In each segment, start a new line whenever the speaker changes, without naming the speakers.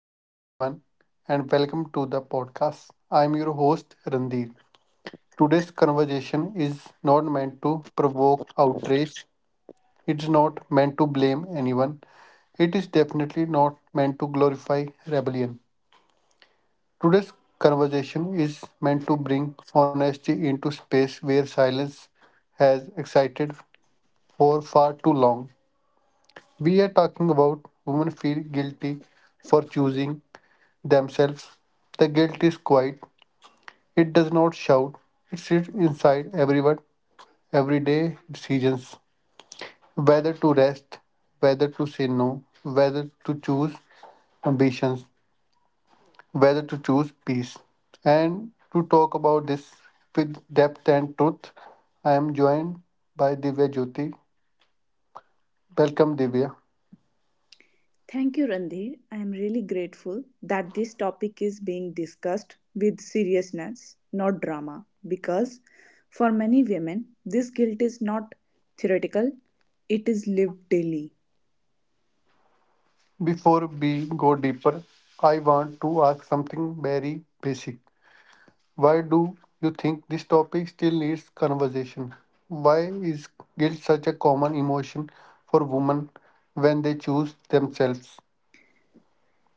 Hello, everyone, and welcome to the podcast. I'm your host, Randeer. Today's conversation is not meant to provoke outrage, it's not meant to blame anyone, it is definitely not meant to glorify rebellion. Today's conversation is meant to bring honesty into space where silence has excited for far too long. We are talking about women feel guilty for choosing themselves. The guilt is quiet, it does not shout. It sits inside everyone, everyday decisions. Whether to rest, whether to say no, whether to choose ambitions, whether to choose peace. And to talk about this with depth and truth, I am joined by Divya Jyoti. Welcome, Divya.
Thank you, Randhir. I am really grateful that this topic is being discussed with seriousness, not drama, because for many women, this guilt is not theoretical, it is lived daily.
Before we go deeper, I want to ask something very basic. Why do you think this topic still needs conversation? Why is guilt such a common emotion for women when they choose themselves?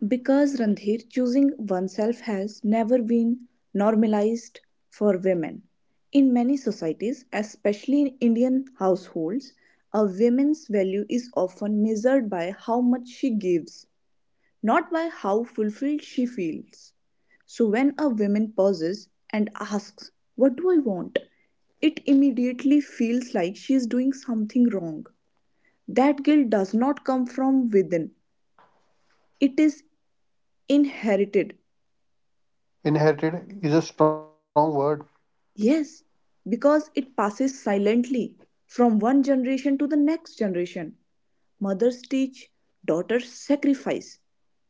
Because, Randhir, choosing oneself has never been normalized for women. In many societies, especially in Indian households, a woman's value is often measured by how much she gives, not by how fulfilled she feels. So when a woman pauses and asks, "What do I want?" it immediately feels like she is doing something wrong. That guilt does not come from within, it is inherited.
Inherited is a strong word.
Yes, because it passes silently from one generation to the next generation. Mothers teach, daughters sacrifice,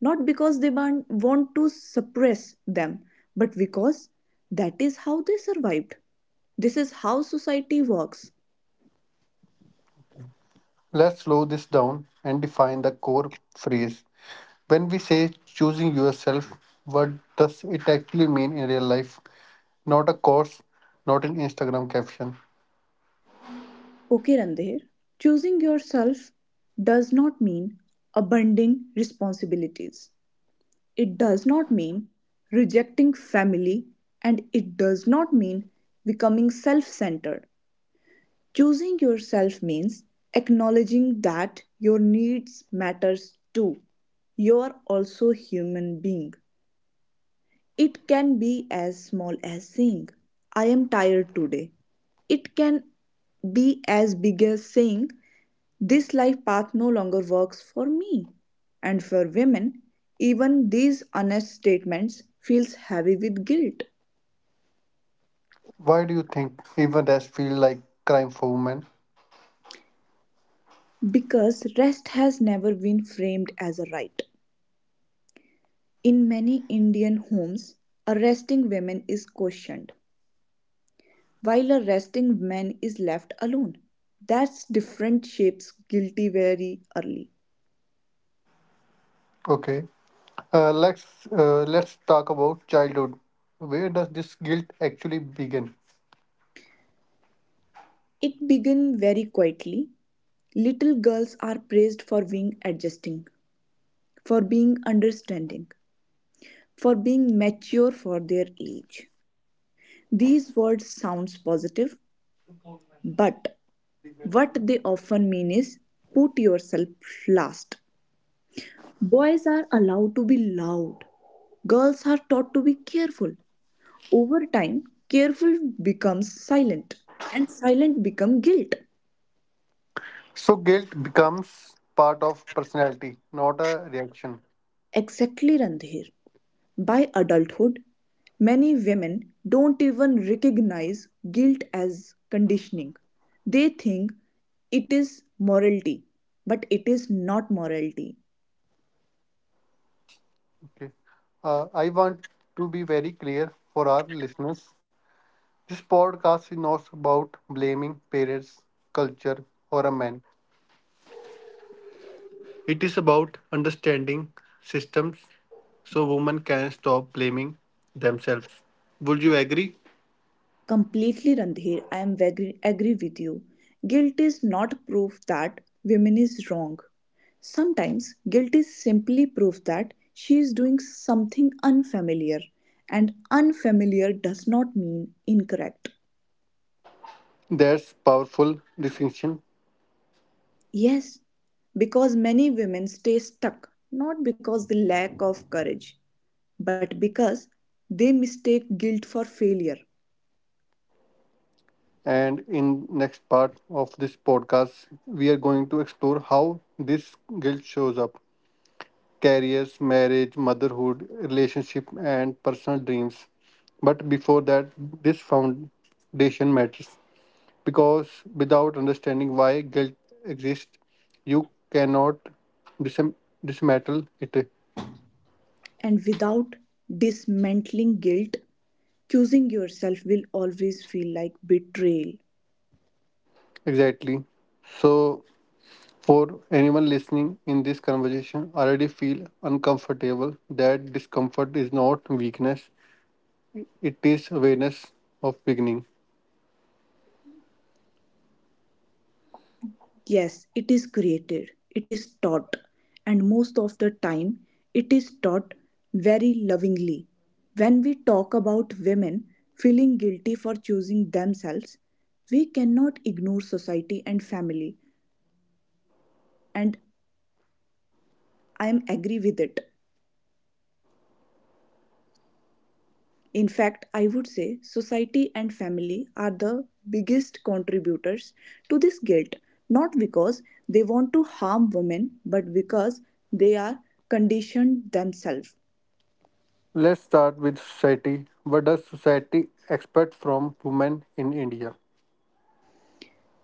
not because want to suppress them, but because that is how they survived. This is how society works.
Let's slow this down and define the core phrase. When we say choosing yourself, what does it actually mean in real life? Not a course, not an Instagram caption.
Okay, Randhir, choosing yourself does not mean abandoning responsibilities. It does not mean rejecting family, and it does not mean becoming self centered. Choosing yourself means acknowledging that your needs matters too. You are also human being. It can be as small as saying I am tired today. It can be as big as saying this life path no longer works for me. And for women, even these honest statements feels heavy with guilt
Why do you think even that feel like crime for women?
because rest has never been framed as a right. In many Indian homes, a resting woman is questioned, while a resting man is left alone. That's different shapes guilty very early.
Okay. Uh, let's let's talk about childhood. Where does this guilt actually begin?
It begins very quietly. Little girls are praised for being adjusting, for being understanding, for being mature for their age. These words sounds positive, but what they often mean is put yourself last. Boys are allowed to be loud. Girls are taught to be careful. Over time, careful becomes silent, and silent becomes guilt.
So guilt becomes part of personality, not a reaction.
Exactly, Randhir. By adulthood, many women don't even recognize guilt as conditioning. They think it is morality, but it is not morality.
Okay. I want to be very clear for our listeners. This podcast is not about blaming parents, culture, or a man. It is about understanding systems so women can stop blaming themselves. Would you agree?
Completely, Randhir, I am agree with you. Guilt is not proof that women is wrong. Sometimes guilt is simply proof that she is doing something unfamiliar, and unfamiliar does not mean incorrect.
That's powerful distinction.
Yes, because many women stay stuck not because the lack of courage, but because they mistake guilt for failure.
And in next part of this podcast we are going to explore how this guilt shows up careers marriage motherhood relationship and personal dreams, but before that, this foundation matters because without understanding why guilt exists you cannot dism- dismantle it.
And without dismantling guilt, choosing yourself will always feel like betrayal.
Exactly. So for anyone listening in this conversation already feel uncomfortable, that discomfort is not weakness, it is awareness of beginning.
Yes, it is created, it is taught, and most of the time, it is taught very lovingly. When we talk about women feeling guilty for choosing themselves, we cannot ignore society and family, and I am agree with it. In fact, I would say society and family are the biggest contributors to this guilt, not because they want to harm women, but because they are conditioned themselves.
Let's start with society. What does society expect from women in India?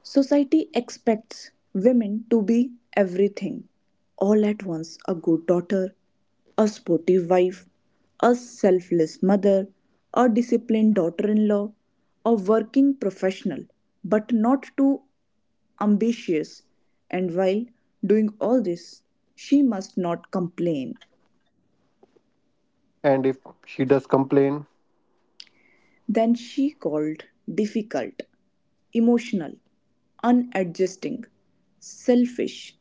Society expects women to be everything all at once: a good daughter, a sportive wife, a selfless mother, a disciplined daughter in law, a working professional, but not too ambitious. And while doing all this, she must not complain.
And if she does complain,
Than she called difficult, emotional, unadjusting, selfish.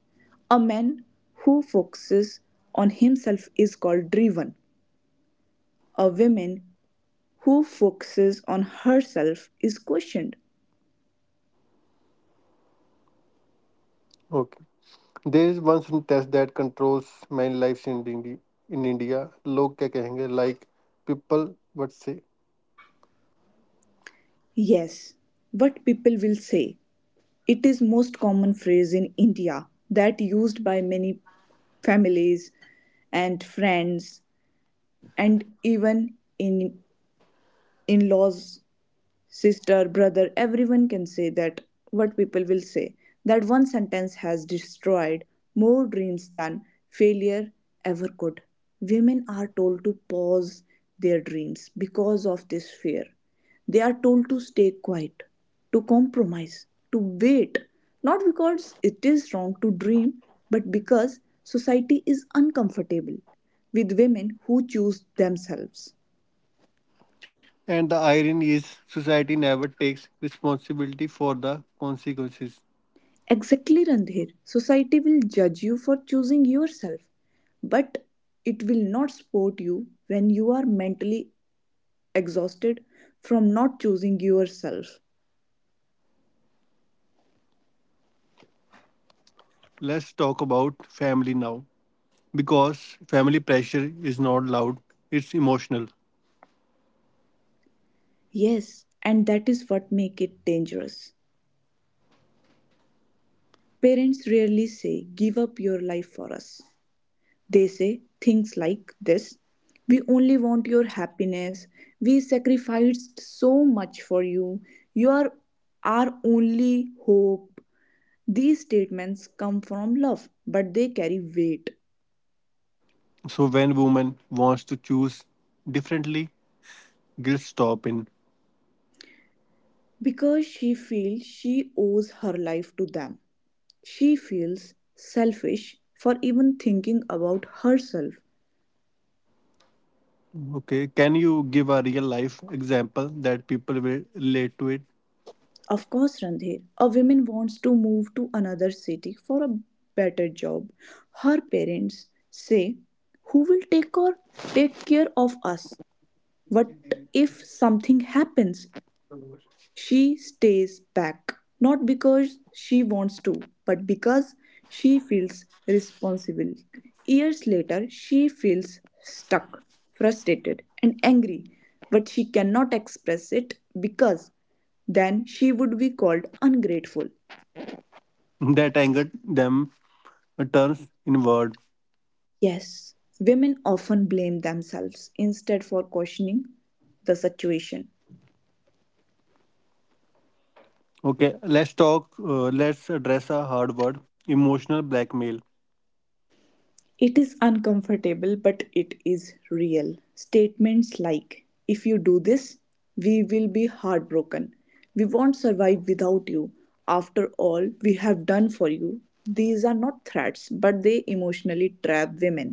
A man who focuses on himself is called driven. A woman who focuses on herself is questioned.
okay. There is one sentence that controls many lives in India. In India, लोग क्या कहेंगे? Like people would say.
Yes, what people will say. It is most common phrase in India that used by many families and friends and even in in-laws sister, brother, everyone can say that what people will say. That one sentence has destroyed more dreams than failure ever could. Women are told to pause their dreams because of this fear. They are told to stay quiet, to compromise, to wait, not because it is wrong to dream, but because society is uncomfortable with women who choose themselves.
And the irony is, society never takes responsibility for the consequences.
Exactly, Randhir. Society will judge you for choosing yourself, but it will not support you when you are mentally exhausted from not choosing yourself.
Let's talk about family now because family pressure is not loud, it's emotional.
Yes, and that is what make it dangerous. Parents rarely say, give up your life for us. They say things like this: we only want your happiness. We sacrificed so much for you. You are our only hope. These statements come from love, but they carry weight
So when woman wants to choose differently, guilt stop in.
because she feels she owes her life to them. She feels selfish for even thinking about herself.
Okay, can you give a real life example that people will relate to it?
Of course, Randhir, a woman wants to move to another city for a better job. Her parents say, who will take, or take care of us? What if something happens? She stays back, not because she wants to, but because she feels responsible. Years later, she feels stuck, frustrated, and angry, but she cannot express it because then she would be called ungrateful.
That angered them turns inward.
Yes, women often blame themselves instead for questioning the situation.
Okay, let's address a hard word emotional blackmail.
It is uncomfortable, but it is real. Statements like, if you do this, we will be heartbroken. We won't survive without you. After all we have done for you. These are not threats, but they emotionally trap women.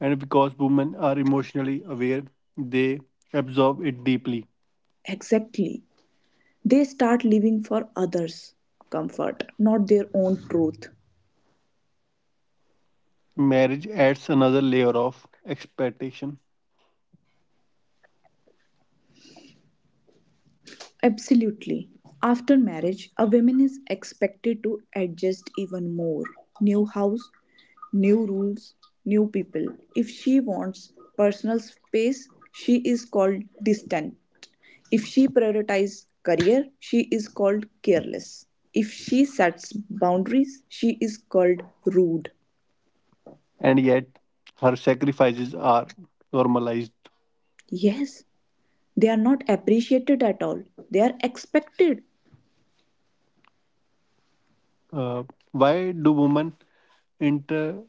And because women are emotionally aware, they absorb it deeply.
Exactly. They start living for others' comfort, not their own truth.
Marriage adds another layer of expectation,
Absolutely. After marriage, a woman is expected to adjust even more. New house, new rules, new people. If she wants personal space, she is called distant. If she prioritizes career, she is called careless. If she sets boundaries, she is called rude.
and yet her sacrifices are normalized.
Yes, they are not appreciated at all. They are expected.
Uh, why do women inter-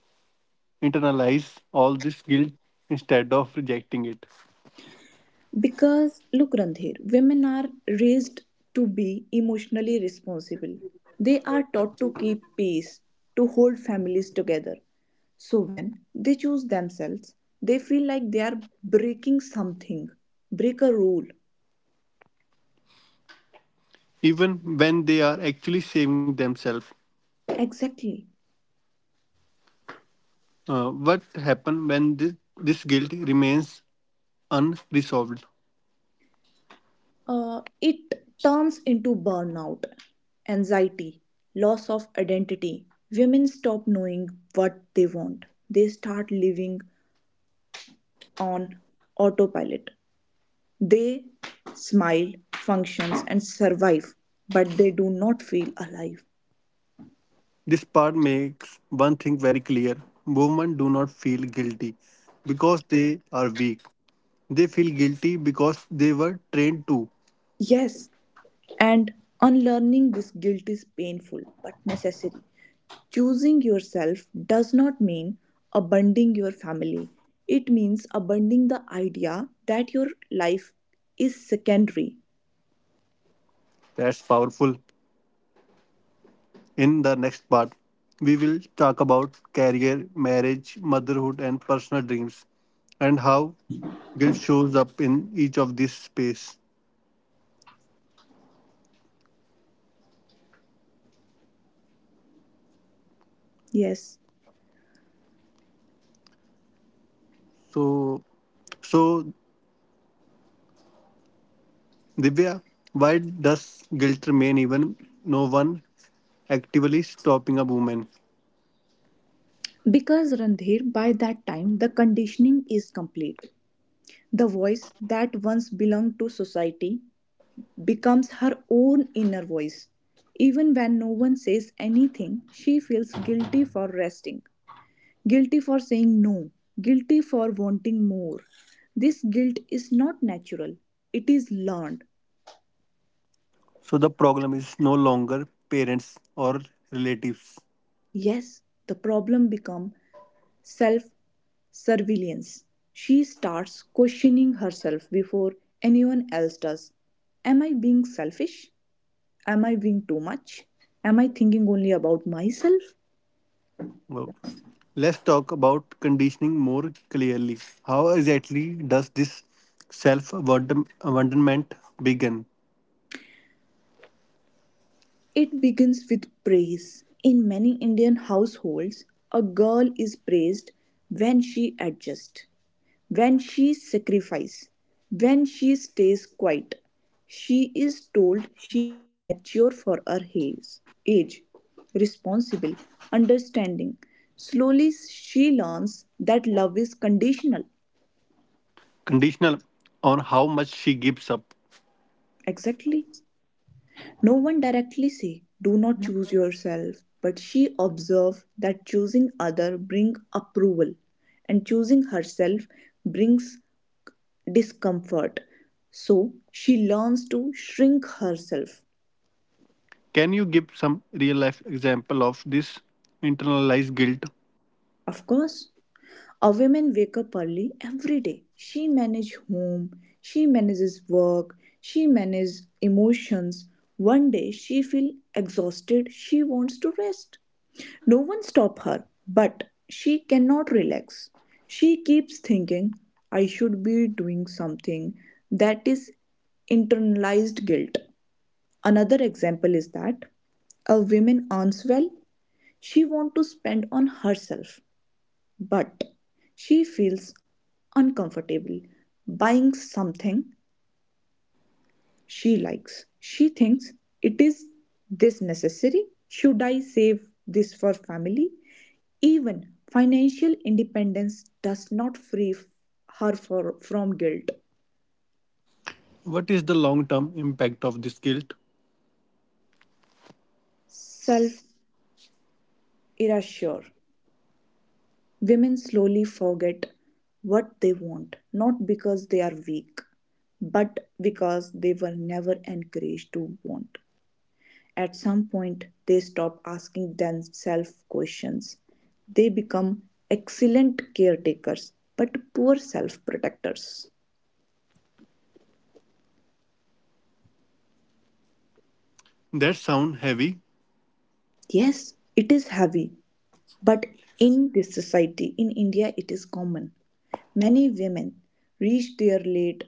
internalize all this guilt instead of rejecting it,
Because look, Randhir, women are raised to be emotionally responsible. They are taught to keep pace, to hold families together. So when they choose themselves, they feel like they are breaking something, break a rule.
even when they are actually saving themselves?
Exactly.
What happens when this guilt remains unresolved?
It turns into burnout, anxiety, loss of identity. Women stop knowing what they want. They start living on autopilot. They smile, functions, and survive, but they do not feel alive.
This part makes one thing very clear, women do not feel guilty because they are weak. They feel guilty because they were trained to.
Yes, and unlearning this guilt is painful but necessary. Choosing yourself does not mean abandoning your family. It means abandoning the idea that your life is secondary.
That's powerful. In the next part, we will talk about career, marriage, motherhood, and personal dreams, and how guilt shows up in each of these space.
Yes.
So, so, Divya, why does guilt remain even no one actively stopping a woman?
Because Randhir, by that time, the conditioning is complete. The voice that once belonged to society becomes her own inner voice. Even when no one says anything, she feels guilty for resting, guilty for saying no, guilty for wanting more. This guilt is not natural, it is learned.
So the problem is no longer parents or relatives.
Yes, the problem becomes self surveillance. She starts questioning herself before anyone else does. Am I being selfish? Am I being too much? Am I thinking only about myself?
Well, let's talk about conditioning more clearly. How exactly does this self abandonment begin?
It begins with praise. In many Indian households, a girl is praised when she adjusts, when she sacrifices, when she stays quiet. She is told she is mature for her age, responsible, understanding. Slowly, she learns that love is conditional.
Conditional on how much she gives up.
Exactly. No one directly say do not choose yourself, but she observed that choosing other bring approval and choosing herself brings discomfort. So she learns to shrink herself.
Can you give some real life example of this internalized guilt?
Of course, a woman wake up early every day. She manages home, she manages work, she manages emotions. One day she feels exhausted, she wants to rest. No one stop her, but she cannot relax. She keeps thinking, I should be doing something. That is internalized guilt. Another example is that a woman earns well, she wants to spend on herself but she feels uncomfortable buying something she likes. She thinks, it is this necessary? Should I save this for family? Even financial independence does not free f- her for, from guilt.
What is the long term impact of this guilt?
Self erasure. Women slowly forget what they want, not because they are weak, but because they were never encouraged to want. At some point, they stop asking themselves questions. They become excellent caretakers but poor self protectors.
That sound heavy.
Yes, it is heavy, but in this society, in India, it is common. Many women reach their late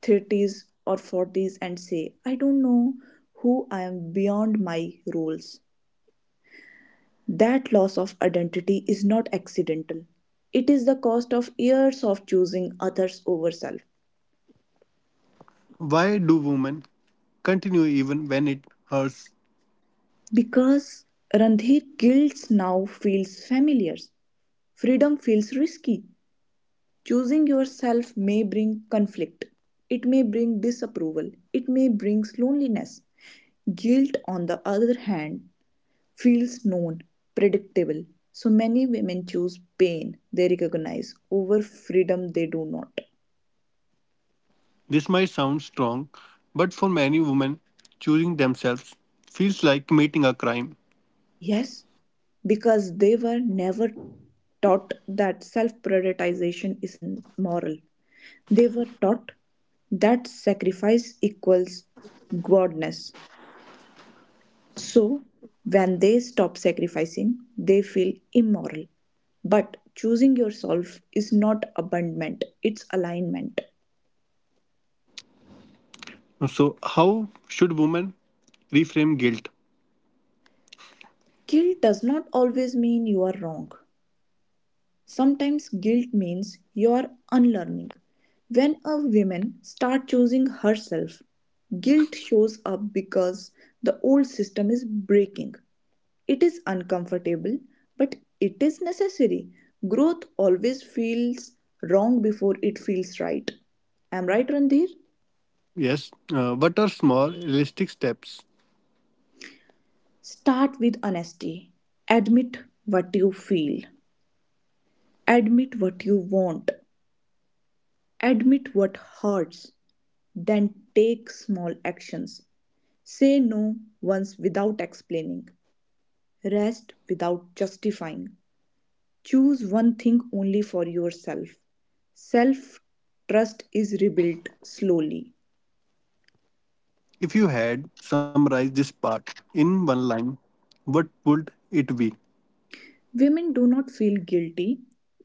30s or 40s and say, I don't know who I am beyond my roles. That loss of identity is not accidental. It is the cost of years of choosing others over self.
Why do women continue even when it hurts?
Because Randhir, guilt now feels familiar. Freedom feels risky. Choosing yourself may bring conflict. It may bring disapproval. It may bring loneliness. Guilt, on the other hand, feels known, predictable. So many women choose pain they recognize over freedom they do not.
This might sound strong, but for many women, choosing themselves feels like committing a crime.
Yes, because they were never taught that self prioritization is moral. They were taught that sacrifice equals godness. So, when they stop sacrificing, they feel immoral. But choosing yourself is not abandonment, it's alignment.
So, how should women reframe guilt?
Guilt does not always mean you are wrong. Sometimes guilt means you are unlearning. When a woman starts choosing herself, guilt shows up because the old system is breaking. It is uncomfortable, but it is necessary. Growth always feels wrong before it feels right. Am I right, Randhir?
Yes. What are small, realistic steps?
Start with honesty. Admit what you feel. Admit what you want. Admit what hurts. Then take small actions. Say no once without explaining. Rest without justifying. Choose one thing only for yourself. Self trust is rebuilt slowly.
If you had summarized this part in one line, what would it be?
Women do not feel guilty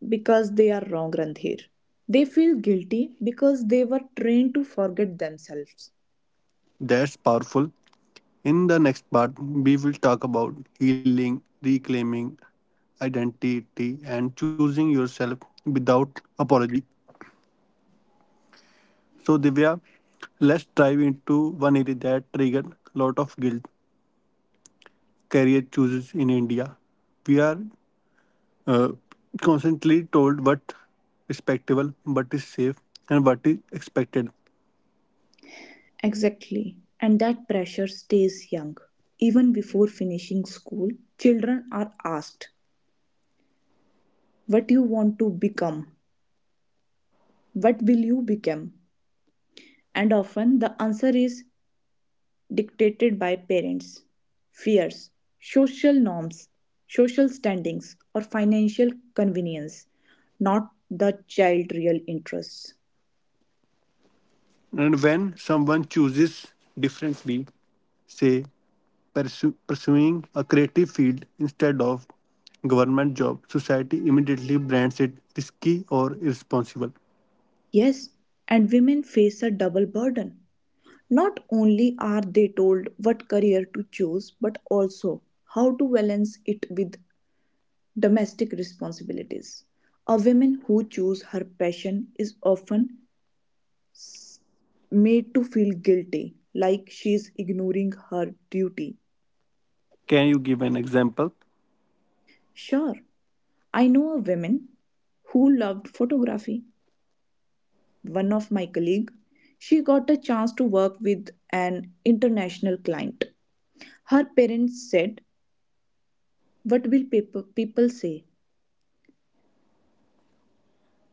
because they are wrong, Randhir. They feel guilty because they were trained to forget themselves.
That's powerful. In the next part, we will talk about healing, reclaiming identity, and choosing yourself without apology. So, Divya, let's dive into one area that triggered a lot of guilt career choices in India. We are uh, constantly told what respectable, what is safe, and what is expected.
Exactly. And that pressure stays young. Even before finishing school, children are asked, what you want to become? What will you become? And often the answer is dictated by parents, fears, social norms, social standings, or financial convenience, not the child's real interests.
And when someone chooses differently, say pursuing a creative field instead of government job, society immediately brands it risky or irresponsible.
Yes, and women face a double burden. Not only are they told what career to choose, but also how to balance it with domestic responsibilities. A woman who chooses her passion is often made to feel guilty, like she's ignoring her duty.
Can you give an example?
Sure, I know a woman who loved photography. One of my colleague, she got a chance to work with an international client. Her parents said, "What will people say?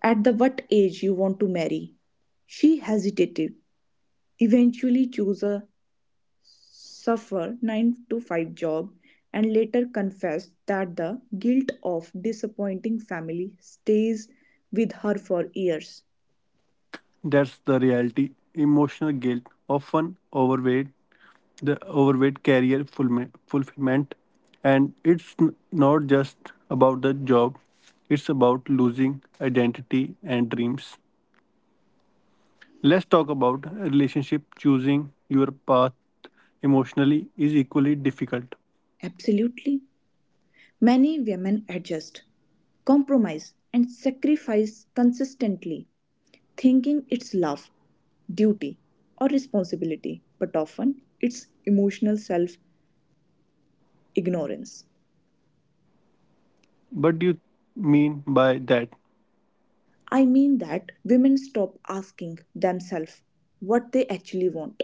At the what age you want to marry?" She hesitated, eventually chose a suffer nine-to-five job and later confessed that the guilt of disappointing family stays with her for years.
That's the reality. Emotional guilt often overweight the overweight career fulfillment, and it's not just about the job, it's about losing identity and dreams. Let's talk about relationship choosing your path emotionally is equally difficult.
Absolutely. Many women adjust, compromise, and sacrifice consistently, thinking it's love, duty, or responsibility, but often it's emotional self ignorance.
What do you mean by that?
I mean that women stop asking themselves what they actually want.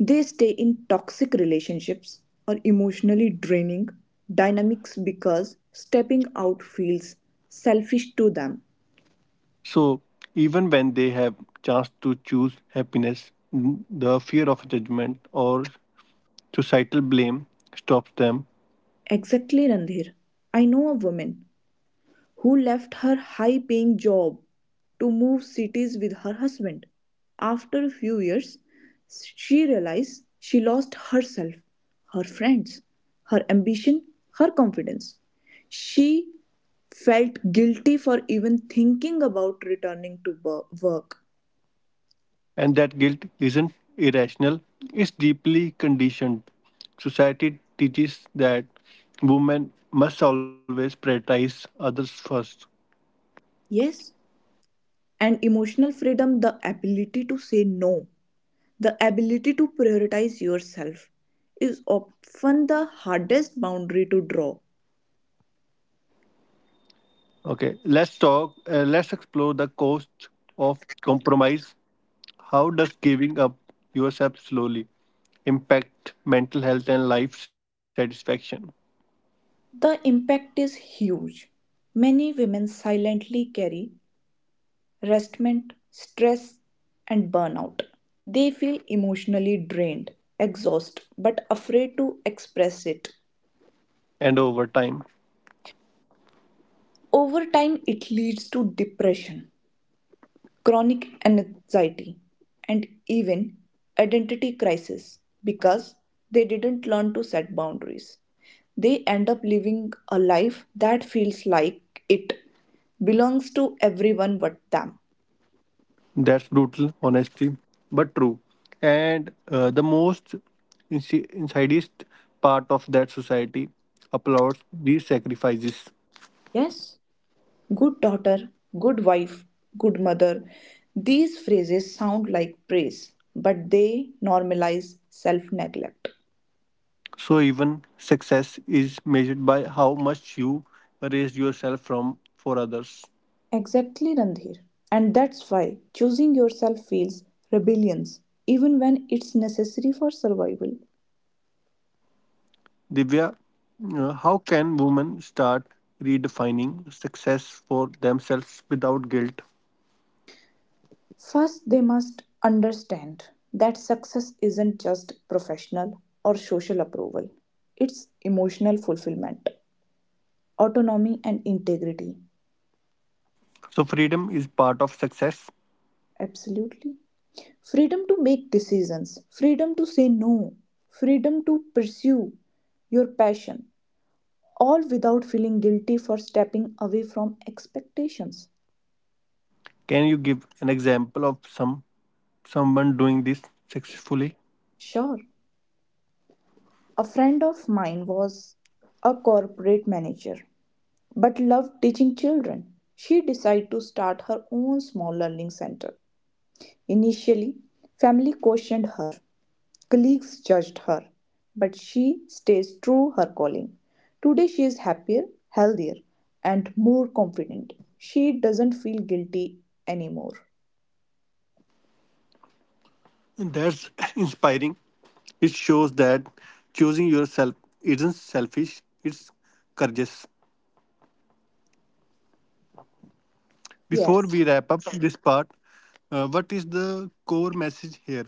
They stay in toxic relationships or emotionally draining dynamics because stepping out feels selfish to them.
So even when they have chance to choose happiness, the fear of judgment or societal blame stops them.
Exactly, Randhir. I know a woman who left her high paying job to move cities with her husband. After a few years, she realized she lost herself, her friends, her ambition, her confidence. She felt guilty for even thinking about returning to work.
And that guilt isn't irrational, it's deeply conditioned. Society teaches that women must always prioritize others first.
Yes, and emotional freedom, the ability to say no, the ability to prioritize yourself, is often the hardest boundary to draw.
Okay, let's explore the cost of compromise. How does giving up yourself slowly impact mental health and life satisfaction
The impact is huge. Many women silently carry restment, stress, and burnout. They feel emotionally drained, exhausted, but afraid to express it.
and over time?
Over time, it leads to depression, chronic anxiety, and even identity crisis because they didn't learn to set boundaries. They end up living a life that feels like it belongs to everyone but them.
That's brutal honesty, but true. And the most insidious part of that society applauds these sacrifices.
Yes, good daughter, good wife, good mother. These phrases sound like praise, but they normalize self neglect.
So even success is measured by how much you raise yourself from for others.
Exactly, Randhir. And that's why choosing yourself feels rebellious, even when it's necessary for survival.
Divya, how can women start redefining success for themselves without guilt?
First, they must understand that success isn't just professional or social approval, it's emotional fulfillment, autonomy, and integrity.
So freedom is part of success.
Absolutely. Freedom to make decisions, freedom to say no, freedom to pursue your passion, all without feeling guilty for stepping away from expectations.
Can you give an example of someone doing this successfully?
Sure. A friend of mine was a corporate manager but loved teaching children. She decided to start her own small learning center. Initially, family questioned her, colleagues judged her, but she stays true her calling. Today she is happier, healthier, and more confident. She doesn't feel guilty anymore.
And that's inspiring. It shows that choosing yourself isn't selfish, it's courageous. Before
Yes,
we wrap up this part, what is the core message here?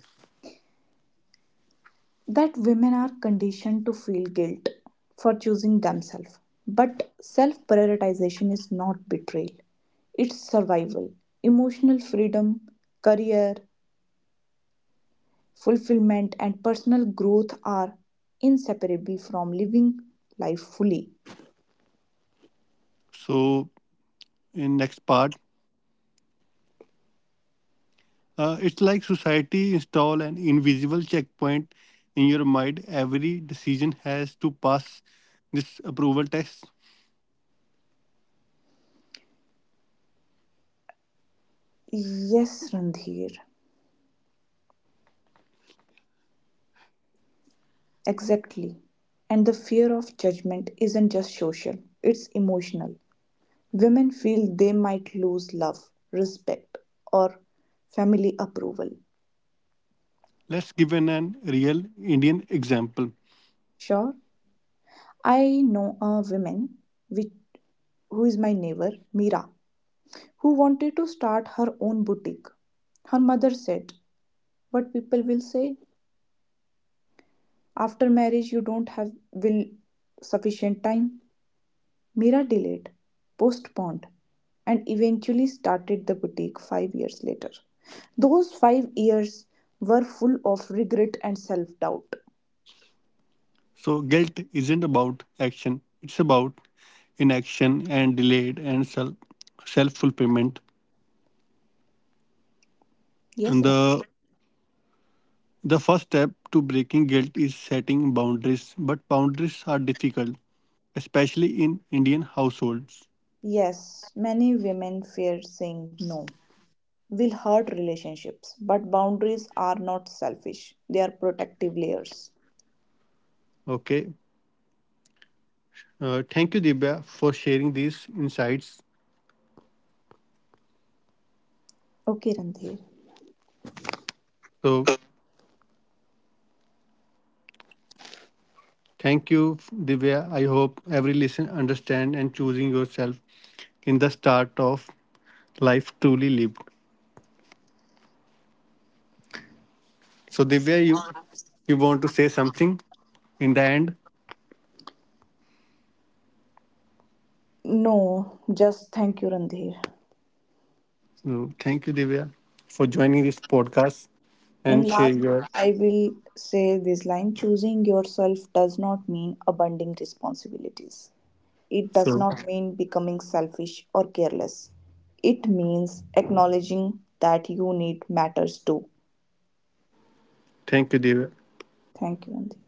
that women are conditioned to feel guilt for choosing themselves. But self prioritization is not betrayal, it's survival. Emotional freedom, career, fulfillment, and personal growth are inseparable from living life fully.
So, in next part, it's like society install an invisible checkpoint in your mind. Every decision has to pass this approval test.
Yes, Randhir, exactly. And the fear of judgment isn't just social, it's emotional. Women feel they might lose love, respect, or family approval.
Let's give an real Indian example.
Sure, I know a woman which, who is my neighbor, Meera, who wanted to start her own boutique. Her mother said, "What people will say? After marriage, you don't have will sufficient time." Meera delayed, postponed, and eventually started the boutique 5 years later. Those 5 years were full of regret and self doubt.
So guilt isn't about action, it's about inaction and delayed and self fulfillment. And
Yes, Ra.
the first step to breaking guilt is setting boundaries, but boundaries are difficult, especially in Indian households.
Yes, many women fear saying no will hurt relationships, but boundaries are not selfish, they are protective layers.
Okay. Thank you, Divya, for sharing these insights.
Okay, Randhir.
So thank you, Divya. I hope every listener understand and choosing yourself in the start of life truly lived. So Divya, you want to say something in the end?
No, just thank you, Randhir.
So thank you, Divya, for joining this podcast and
In
share
last,
your.
I will say this line choosing yourself does not mean abandoning responsibilities. It does
So
not mean becoming selfish or careless. It means acknowledging that you need matters too.
thank you, Divya.
Thank you, Randhir.